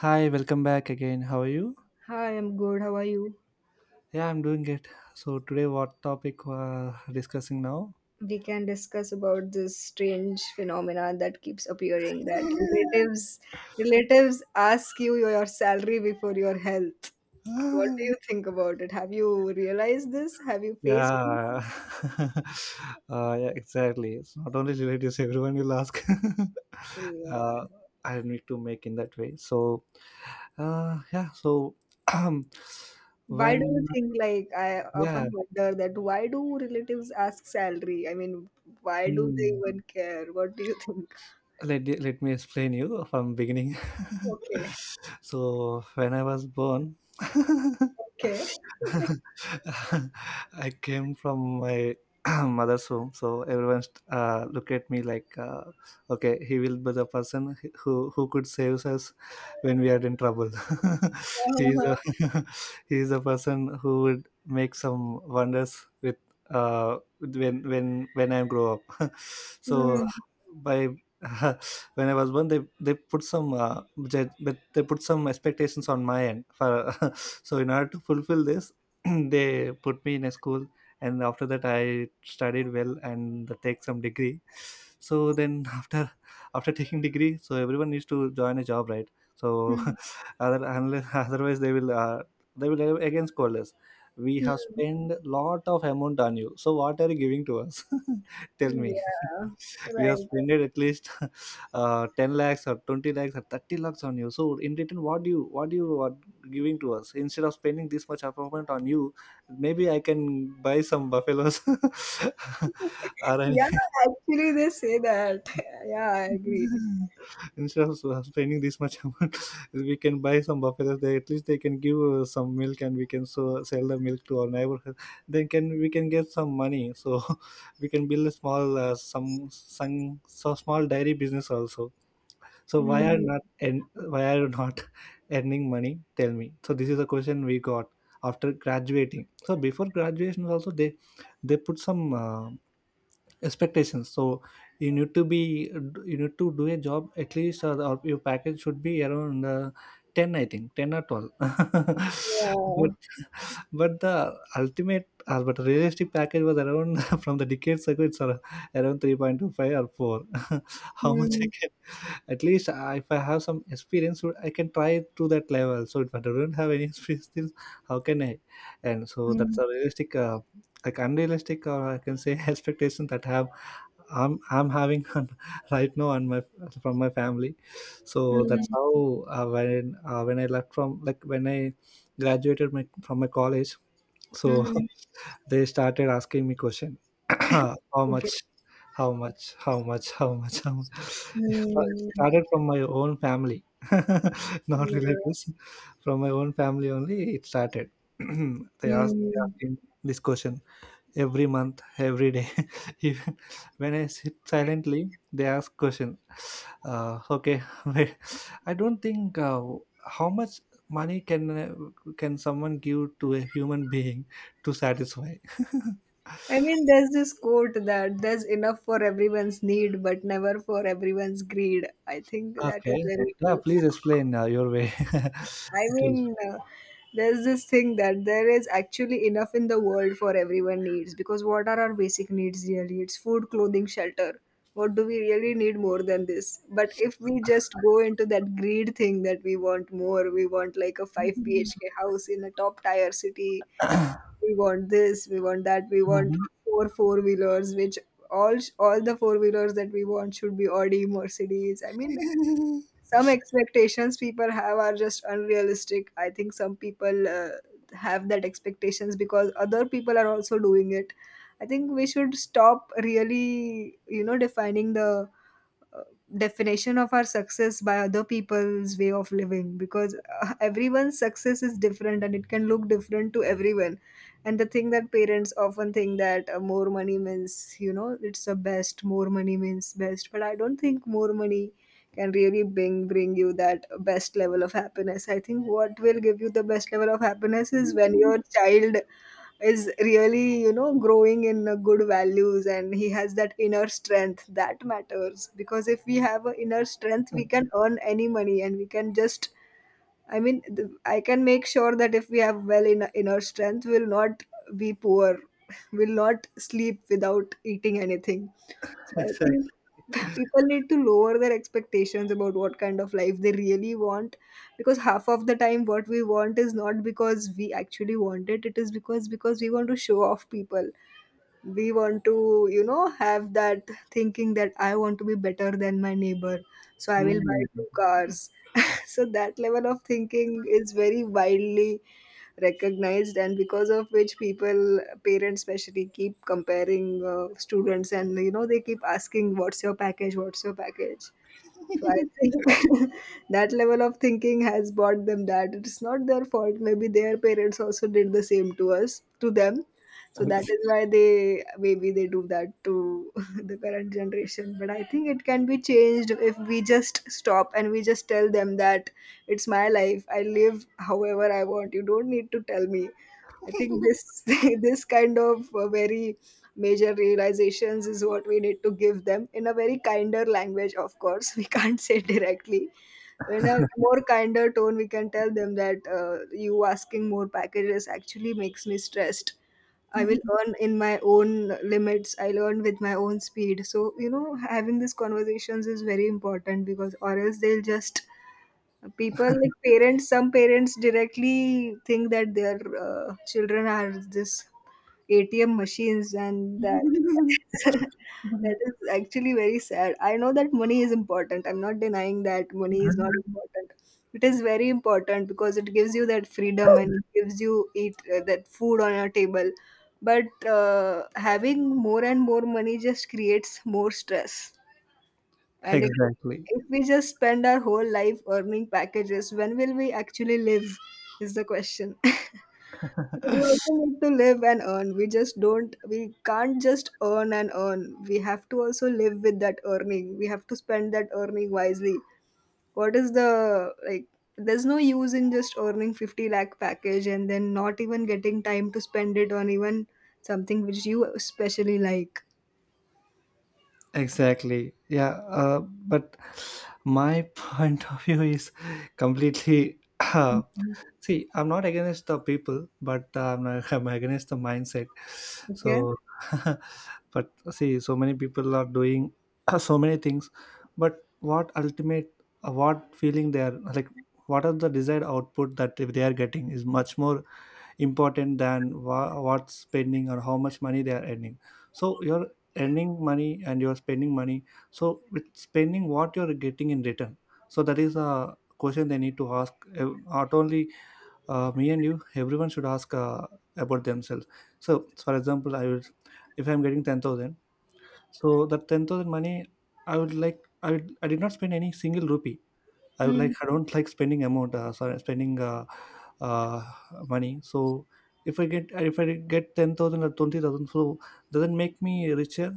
Hi, welcome back again. How are you? Hi, I'm good. How are you? Yeah, I'm doing it. So today, what topic we're discussing now? We can discuss about this strange phenomena that keeps appearing that relatives ask you your salary before your health. What do you think about it? Have you realized this? Have you faced this? Yeah, yeah, exactly. It's not only relatives; everyone will ask. uh, Yeah. I need to make in that way. So, yeah. So, Why do when you think like I yeah, often wonder that why do relatives ask salary? I mean, why do they mm, even care? What do you think? let me explain you from beginning. Okay. So when I was born. Okay. I came from my mother's home, so everyone look at me like, okay, he will be the person who could save us when we are in trouble. he is Uh-huh. a He is a person who would make some wonders with when I grow up. So Hmm. by when I was born, they put some expectations on my end for so in order to fulfill this, they put me in a school, and after that I studied well and take some degree. So then after taking degree, so everyone needs to join a job, right? So other unless, otherwise they will again scold us. We have Hmm. spent lot of amount on you. So what are you giving to us? Tell me. Yeah, We have right. spent at least, 10 lakhs or 20 lakhs or 30 lakhs on you, so in return, what do you are giving to us, instead of spending this much apartment on you. Maybe I can buy some buffaloes, or any Yeah, actually they say that. Yeah, I agree. instead of spending this much amount. We can buy some buffaloes. They At least they can give some milk, and we can so sell the milk to our neighborhood. Then can we can get some money, so we can build a some small dairy business also. So Mm, why are you not earning money? Tell me. So this is a question we got after graduating. So before graduation also they put some expectations. So you need to be you need to do a job at least, or your package should be around, ten, I think 10 or 12. but yeah. but the ultimate but realistic package was around, from the decades ago, it's around 3.25 or four. How much I Mm, can at least I, if I have some experience, so I can try to that level. So if I don't have any experience, then how can I and so that's mm, a realistic, like unrealistic, or I can say expectation that have I'm having, right now on my from my family. So that's mm, how, when I left from, like, when I graduated, from my college. So mhm. they started asking me question. How much, Okay. how much, how much, how much, how much? Yeah, Mm, started from my own family. Not yeah. relatives. From my own family only it started. They Mm. asking this question every month, every day. Even when I sit silently, they ask question. Okay, wait. I don't think, how much money can, can someone give to a human being to satisfy. I mean, there's this quote that there's enough for everyone's need, but never for everyone's greed. I think that is Okay, very yeah. true. Please explain, your way. I It will. mean, there's this thing that there is actually enough in the world for everyone needs because what are our basic needs really? It's food, clothing, shelter. What do we really need more than this? But if we just go into that greed thing that we want more, we want like a 5 BHK house in a top tier city, we want this, we want that, we want Mhm. four wheelers, which all the four wheelers that we want should be Audi, Mercedes. I mean, some expectations people have are just unrealistic. I think some people have that expectations because other people are also doing it. I think we should stop really, you know, defining the uh, definition of our success by other people's way of living, because everyone's success is different and it can look different to everyone. And the thing that parents often think that more money means, you know, it's the best, more money means best, but I don't think more money can really bring you that best level of happiness. I think what will give you the best level of happiness is when your child is really, you know, growing in good values and he has that inner strength that matters, because if we have an inner strength we can earn any money and we can just I can make sure that if we have well in inner strength, we'll not be poor. We'll not sleep without eating anything. So I Exactly. think people need to lower their expectations about what kind of life they really want, because half of the time what we want is not because we actually want it. It is because we want to show off people, we want to, you know, have that thinking that I want to be better than my neighbor, so I will buy Mm. two cars. So that level of thinking is very widely recognized and because of which people, parents especially, keep comparing students and, you know, they keep asking what's your package. So I think that level of thinking has brought them that. It's not their fault. Maybe their parents also did the same to us, to them. So that is why they maybe they do that to the current generation. But I think it can be changed if we just stop and we just tell them that it's my life. I live however I want. You don't need to tell me. I think this this kind of very major realizations is what we need to give them in a very kinder language, of course. We can't say directly, in a more kinder tone we can tell them that you asking more packages actually makes me stressed. I will earn in my own limits, I'll earn with my own speed. So, you know, having these conversations is very important, because or else they'll just, people like parents, some parents directly think that their children are this ATM machines, and that that is actually very sad. I know that money is important, I'm not denying that money is not important. It is very important because it gives you that freedom and it gives you eat that food on your table. But having more and more money just creates more stress. And if, Exactly. if we just spend our whole life earning packages, when will we actually live? Is the question. We also need to live and earn. We can't just earn and earn. We have to also live with that earning. We have to spend that earning wisely. What is the, like, There's no use in just earning 50 lakh package and then not even getting time to spend it on even something which you especially like. Exactly. Yeah. But my point of view is completely. See, I'm not against the people, but, not, I'm against the mindset. Okay? So, but see, so many people are doing so many things, but what feeling they are, like, what are the desired output that, if they are getting, is much more important than what's spending or how much money they are earning. So you're earning money and you're spending money. So with spending, what you're getting in return? So that is a question they need to ask, not only, me and you, everyone should ask, about themselves. So for example, I will if I'm getting 10,000, so that 10,000 money, I would like I would, I did not spend any single rupee. I would Hmm. like, I don't like spending amount, sorry, spending, uh, money. So if I get 10,000 or 20,000, so doesn't make me richer.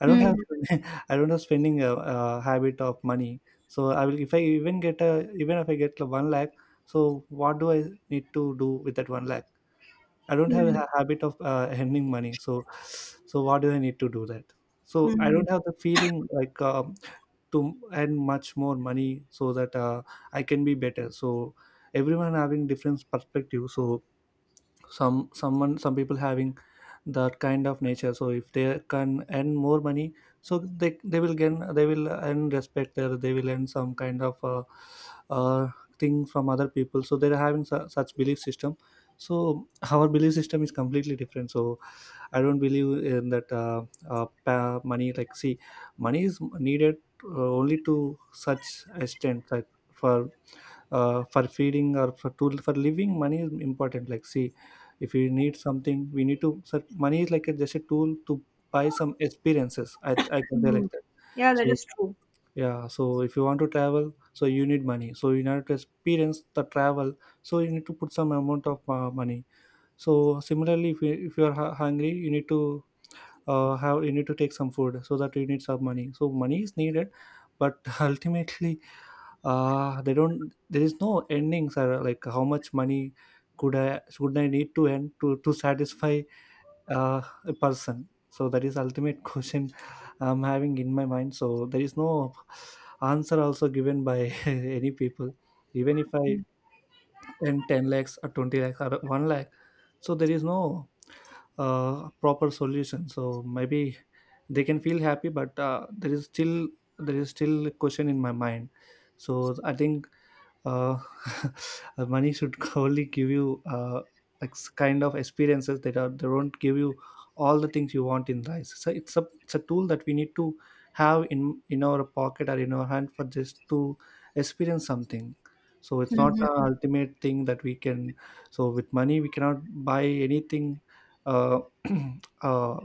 I don't have, Hmm. I don't have spending a habit of money. So I will if I even get a even if I get a 1 lakh, so what do I need to do with that 1 lakh? I don't have Hmm. a habit of, earning money. So what do I need to do that? So I Hmm. don't have the feeling, like, to earn much more money, so that, I can be better. So everyone having different perspective. So some people having that kind of nature. So if they can earn more money, so they will earn respect. There they will earn some kind of, uh, thing from other people. So they're having such belief system. So our belief system is completely different. So I don't believe in that, money. Like, see, money is needed, only to such extent, like, for for feeding or for living. Money is important. Like, see, if we need something, we need to. So money is like just a tool to buy some experiences. I can say Hmm. like that. Yeah, that So is true. yeah. So if you want to travel, so you need money. So in order to experience the travel, so you need to put some amount of, money. So similarly, if you are hungry, you need to take some food. So that you need some money, so money is needed. But ultimately, they don't there is no endings, or like how much money, could I should I need to end, to satisfy, uh, a person. So that is ultimate question I'm having in my mind. So there is no answer also given by any people. Even if I earn 10 lakhs or 20 lakhs or 1 lakh, so there is no, proper solution. So maybe they can feel happy, but, there is still a question in my mind. So I think, uh, money should only give you, kind of experiences, that are they will not give you all the things you want in life. So it's a tool that we need to have in our pocket or in our hand, for just to experience something. So it's not the Mhm. ultimate thing that we can. So with money we cannot buy anything, uh, uh,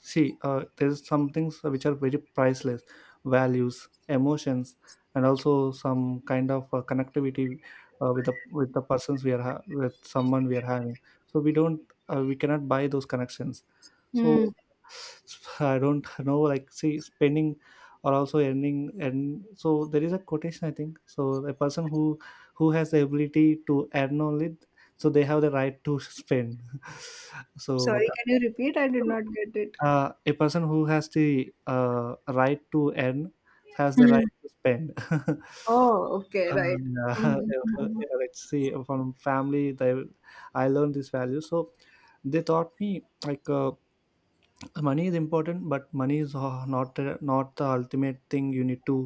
see, there's some things which are very priceless: values, emotions, and also some kind of, connectivity, with the persons we are, with someone we are having. So we cannot buy those connections. So Mm. I don't know. Like, see, spending or also earning, and so there is a quotation, I think, so a person who has the ability to earn only, so they have the right to spend. So Sorry, that, can you repeat? I did not get it. A person who has the, right to earn has the right Mm. to spend. Oh, okay, right. Yeah, Mhm. Mhm. yeah, let's see, from family, I learned this value. So they taught me, like, money is important, but money is, not the ultimate thing. You need to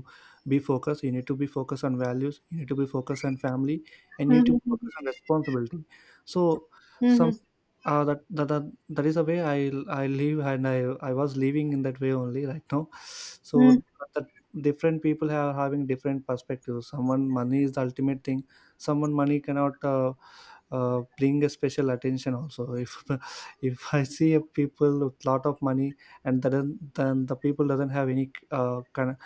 be focused. You need to be focused on values. You need to be focused on family, and you need to Mhm. focus on responsibility. So some, Mhm. That is the way I live, and I was living in that way only right now. Mhm. So that different people are having different perspectives. Someone money is the ultimate thing. Someone money cannot, bring a special attention also. If if I see a people with lot of money, and then the people doesn't have any, kind of,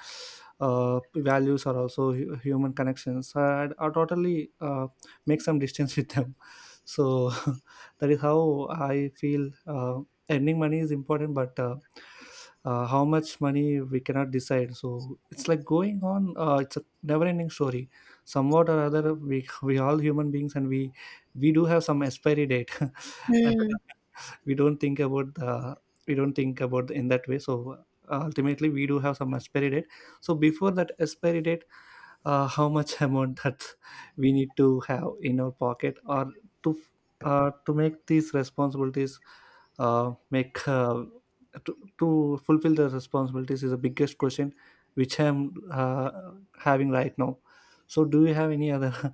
values or also human connections, I totally, make some distance with them. So. That is how I feel, earning money is important, but how much money we cannot decide. So it's like going on, it's a never ending story. Somewhat or other, we we all human beings, and we do have some expiry date. Uh, Mhm. we don't think about in that way. So ultimately we do have some expiry date, so before that expiry date, how much amount that we need to have in our pocket, or to to make these responsibilities, make to fulfill the responsibilities is the biggest question, which I'm having right now. So do you have any other,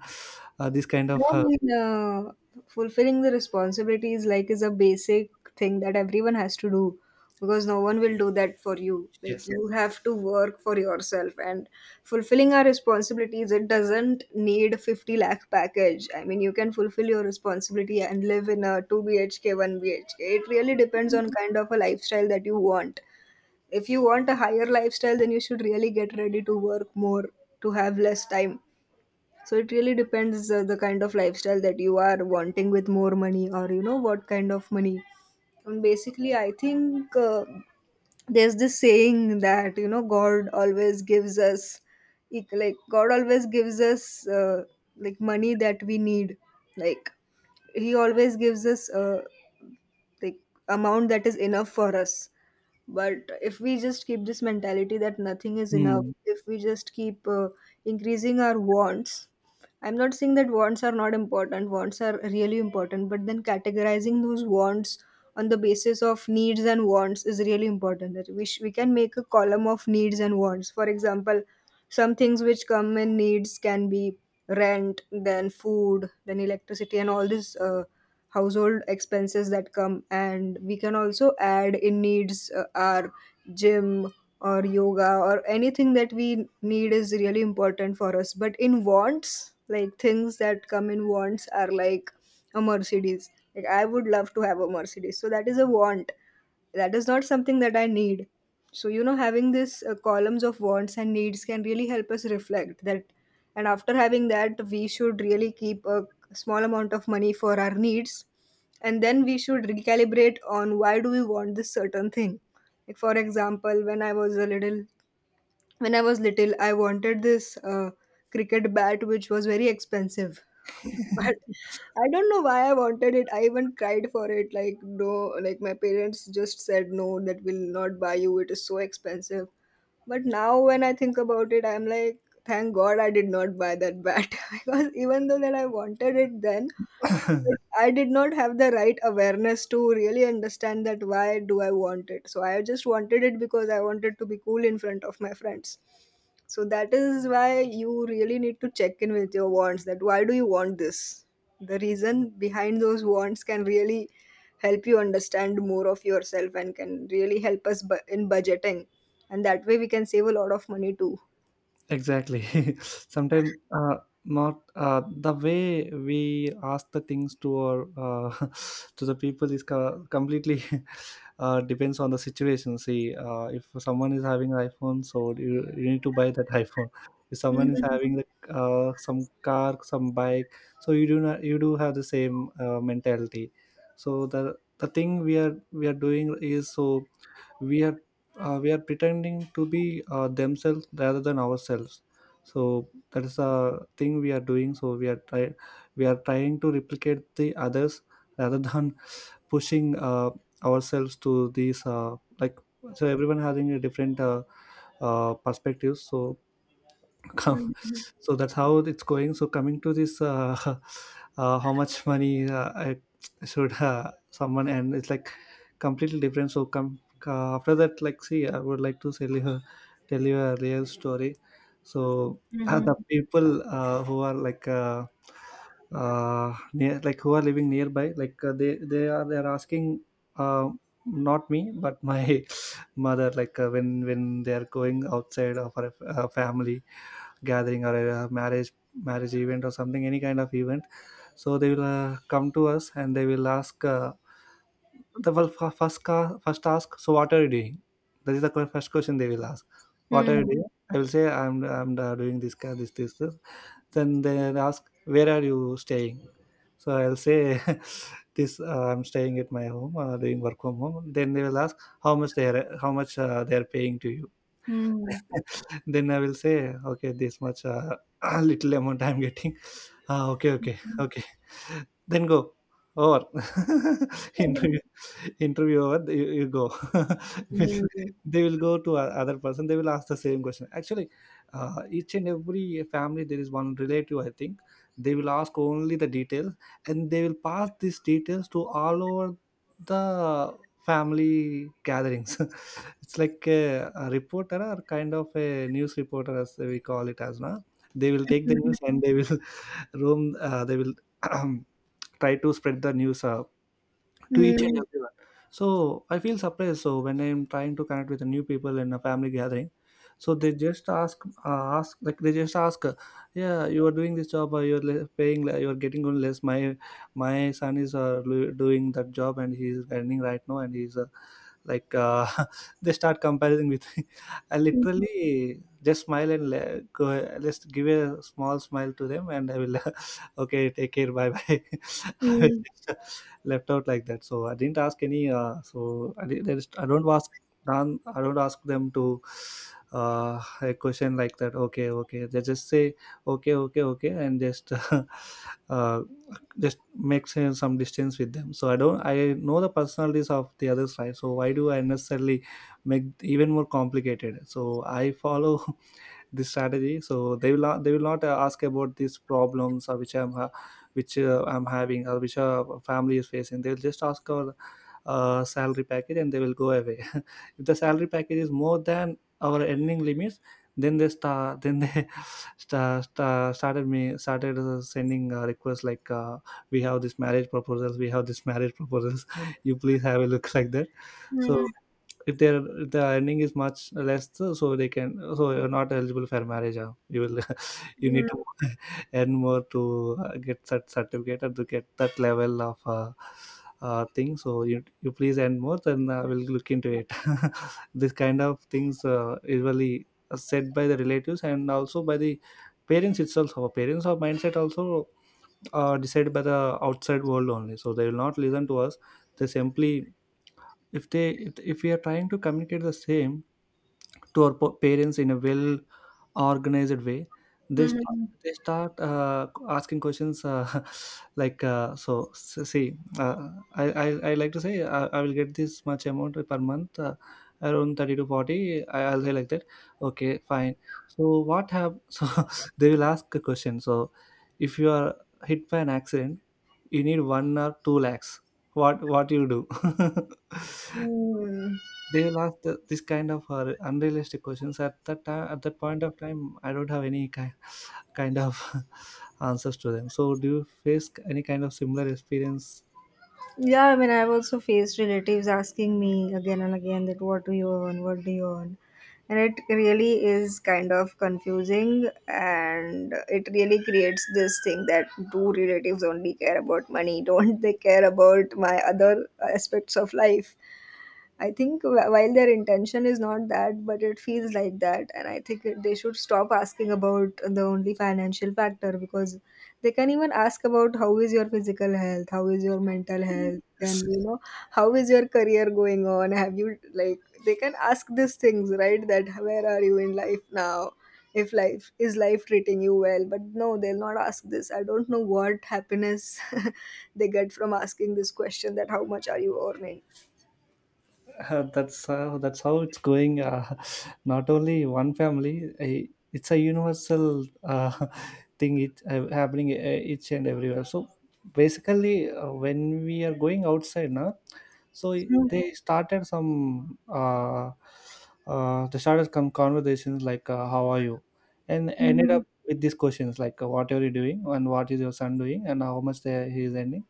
this kind of I mean, fulfilling the responsibilities like is a basic thing that everyone has to do, because no one will do that for you. Like, yes. you have to work for yourself and fulfilling our responsibilities. It doesn't need 50 lakh package. I mean, you can fulfill your responsibility and live in a two BHK, one BHK. It really depends on kind of a lifestyle that you want. If you want a higher lifestyle, then you should really get ready to work more, to have less time. So it really depends the kind of lifestyle that you are wanting with more money or, you know, what kind of money. And basically, I think there's this saying that, you know, God always gives us like God always gives us like money that we need. Like, He always gives us like amount that is enough for us. But if we just keep this mentality that nothing is enough, Hmm. if we just keep increasing our wants. I'm not saying that wants are not important, wants are really important, but then categorizing those wants on the basis of needs and wants is really important. We can make a column of needs and wants. For example, some things which come in needs can be rent, then food, then electricity, and all these household expenses that come, and we can also add in needs our gym or yoga or anything that we need is really important for us. But in wants, like, things that come in wants are like a Mercedes, like I would love to have a Mercedes, so that is a want, that is not something that I need. So, you know, having this columns of wants and needs can really help us reflect that, and after having that we should really keep a small amount of money for our needs, and then we should recalibrate on why do we want this certain thing. Like, for example, when I was little, I wanted this cricket bat, which was very expensive. But I don't know why I wanted it. I even cried for it. Like no, like my parents just said no, that will not buy you. It is so expensive. But now when I think about it, I'm like, thank God I did not buy that bat, because even though that I wanted it then, I did not have the right awareness to really understand that why do I want it. So I just wanted it because I wanted to be cool in front of my friends. So that is why you really need to check in with your wants that why do you want this. The reason behind those wants can really help you understand more of yourself and can really help us in budgeting. And that way we can save a lot of money too. Exactly. Sometimes, not, the way we ask the things to our to the people is completely, depends on the situation. See, if someone is having iPhone, so you need to buy that iPhone. If someone is Hmm. having some car, some bike, so you do not you do have the same mentality. So the thing we are doing is, so we are, we are pretending to be themselves rather than ourselves. So that is a thing we are doing, so we are trying to replicate the others rather than pushing ourselves to these like, so everyone having a different perspectives. So come, so that's how it's going. So coming to this how much money, I should, someone, and it's like completely different. So come, after that, like, see, I would like to tell you a real story. So the people who are like, near, like, who are living nearby, like, they're asking, uh, not me but my mother, like, when they are going outside of our family gathering or a marriage event or something, any kind of event. So they will come to us and they will ask, the, well, first ask, so what are you doing? That is the first question they will ask. What are you Hmm. doing? I will say, I'm, doing this ca- this this this. Then they ask, where are you staying? So I'll say, this I'm staying at my home, doing work from home. Then they will ask, how much they are paying to you. Mm-hmm. Then I will say, okay, this much, little amount I'm getting. Ah, okay, okay, okay. Then go, or interview interview over, you go. Will- Hmm. they will go to other person. They will ask the same question. Actually, each and every family there is one relative. I think they will ask only the details, and they will pass these details to all over the family gatherings. It's like a reporter or kind of a news reporter, as we call it as now. They will take the news and they will roam. They will try to spread the news to each and everyone. So I feel surprised. So when I'm trying to connect with the new people in a family gathering, so they just ask, uh, ask like they just ask, uh, yeah, you are doing this job, or you're le- paying, le- you're getting on less. My son is doing that job, and he's earning right now, and he's like, they start comparing with me. I Hmm. literally just smile and go, let's give a small smile to them, and I will okay, take care, bye bye. Mm, Left out like that. So I didn't ask any, so I did, there is, I don't ask, dan I don't ask them to, a question like that. Okay, okay, they just say, okay, okay, okay, and just uh, just make some distance with them. So I don't I know the personalities of the others, right? So why do I necessarily make even more complicated? So I follow this strategy, so they will not ask about these problems, which I'm having, or which family is facing. They'll just ask our salary package and they will go away. If the salary package is more than our earning limits, then they start then they started sending requests, like, we have this marriage proposals, you please have a look, like that. So mm, if their earning is much less, so they can, so, you're not eligible for marriage, huh? you will You need to earn more to get such certificate, or to get that level of thing. So you please earn more, then I will look into it. This kind of things usually said by the relatives and also by the parents itself. Our parents, our mindset also are decided by the outside world only, so they will not listen to us. They simply, if they if we are trying to communicate the same to our parents in a well organized way, they start, mhm, asking questions, like, so s- see I like to say, I will get this much amount per month, around 30 to 40, I'll say like that. Okay, fine. So what have, so they will ask a question. So if you are hit by an accident, you need 1 or 2 lakhs, what you do? mm. They'll ask the, this kind of unrealistic questions. At that time, at that point of time, I don't have any kind, kind of answers to them. So do you face any kind of similar experience? Yeah, I mean, I've also faced relatives asking me again and again that what do you earn, and it really is kind of confusing, and it really creates this thing that do relatives only care about money? Don't they care about my other aspects of life? I think while their intention is not that, but it feels like that, and I think they should stop asking about the only financial factor, because they can even ask about how is your physical health, how is your mental health, and, you know, how is your career going on? Have you like they can ask these things, right? That where are you in life now? If life is life treating you well, but no, they'll not ask this. I don't know what happiness they get from asking this question that how much are you earning? That's how it's going, not only one family, it's a universal, thing, it happening, each and everywhere. So basically, when we are going outside now, so Mm, they started some uh, they started some conversations like, how are you, and ended mm, up with these questions like, what are you doing, and what is your son doing, and how much he is earning.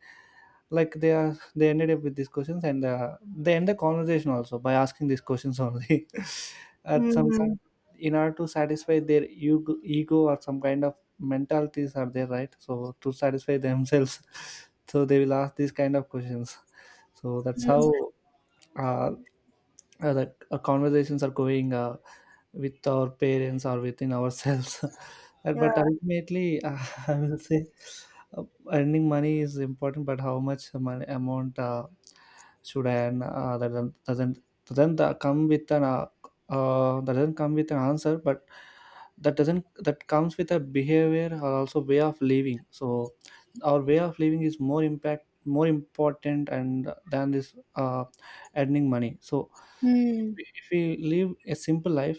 Like they ended up with these questions, and they end the conversation also by asking these questions only. At mm, some time, mm. in order to satisfy their ego, ego, or some kind of mentalities are there, right? So to satisfy themselves, so they will ask these kind of questions. So that's how uh, the conversations are going with our parents or within ourselves. Yeah. But ultimately, I will say, uh, earning money is important, but how much money amount should I earn, that doesn't come with an, that doesn't come with an answer. But that doesn't that comes with a behavior, or also way of living. So our way of living is more impact more important and than this, earning money. So Hmm. if we live a simple life,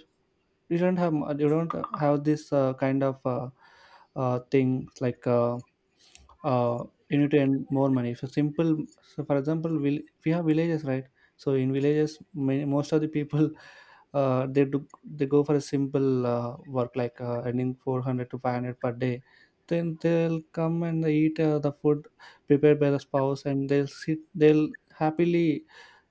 you don't have this kind of things like, you need to earn more money. So simple, so for example, will we have villages, right? So in villages, many, most of the people, they go for a simple work, like earning 400 to 500 per day. Then they'll come and they eat the food prepared by the spouse, and they'll sit, they'll happily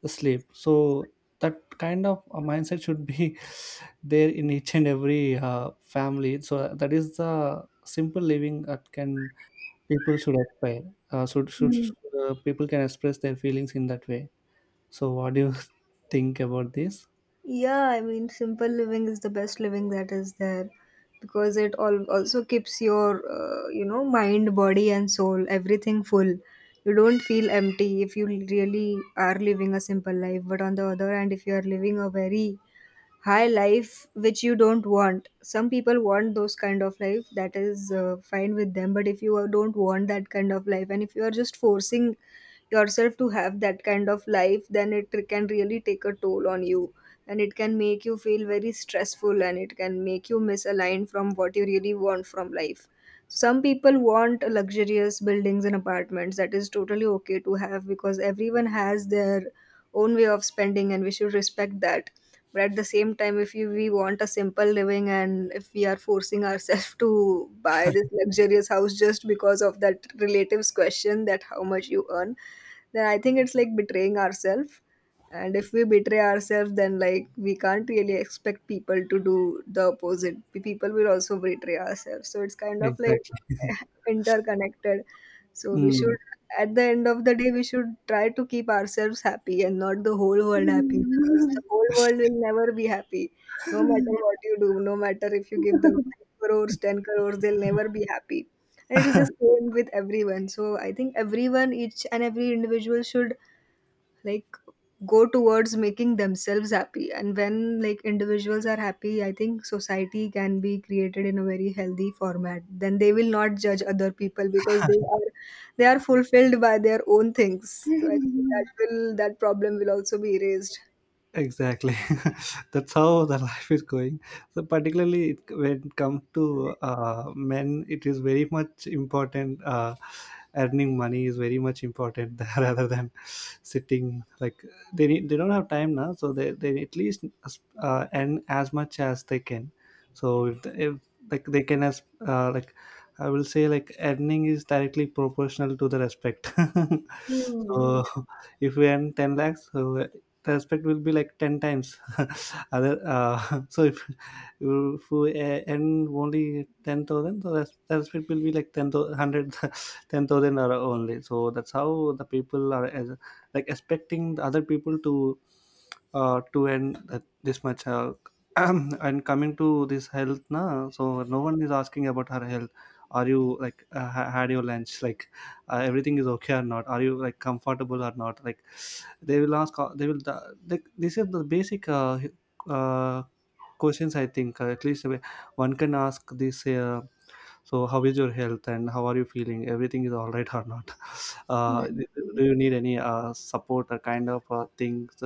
sleep. So that kind of a mindset should be there in each and every family. So that is the simple living that can people should aspire, uh, should should should, people can express their feelings in that way. So what do you think about this? Yeah, I mean, simple living is the best living that is there, because it all also keeps your, you know, mind, body, and soul, everything full. You don't feel empty if you really are living a simple life. But on the other hand, if you are living a very high life which you don't want, some people want those kind of life, that is fine with them, but if you are- don't want that kind of life and if you are just forcing yourself to have that kind of life, then it can really take a toll on you, and it can make you feel very stressful and it can make you misaligned from what you really want from life. Some people want luxurious buildings and apartments, that is totally okay to have because everyone has their own way of spending and we should respect that. But at the same time, if you, we want a simple living and if we are forcing ourselves to buy this luxurious house just because of that relatives question that how much you earn, then I think it's like betraying ourselves. And if we betray ourselves, then like we can't really expect people to do the opposite. People will also betray ourselves, so it's kind of like Exactly. interconnected. So we should, at the end of the day, we should try to keep ourselves happy and not the whole world happy, because the whole world will never be happy. No matter what you do, no matter if you give them 5 crores, 10 crores, they'll never be happy. And it is the same with everyone. So I think everyone, each and every individual should like go towards making themselves happy, and when like individuals are happy, I think society can be created in a very healthy format. Then they will not judge other people because they are, they are fulfilled by their own things, so I think Mm. that will that problem will also be erased. Exactly. That's how the life is going, so particularly, when it comes to men, it is very much important, earning money is very much important, rather than sitting, like, they don't have time now, so they at least earn as much as they can. So if like, they can, as, like, I will say, like, earning is directly proportional to the respect, Hmm. so if we earn 10 lakhs, so the aspect will be like 10 times, other, so if you earn only 10,000. So the respect will be like 10 thousand, hundred, 10,000 or only. So that's how the people are, as, like expecting the other people to earn that, this much, and coming to this health, na, so no one is asking about her health. Are you like, had your lunch, like everything is okay or not, are you like comfortable or not, like they will, like, this is the basic uh, questions, I think, at least, one can ask this, so how is your health and how are you feeling, everything is all right or not? Hmm. Do you need any support or kind of things,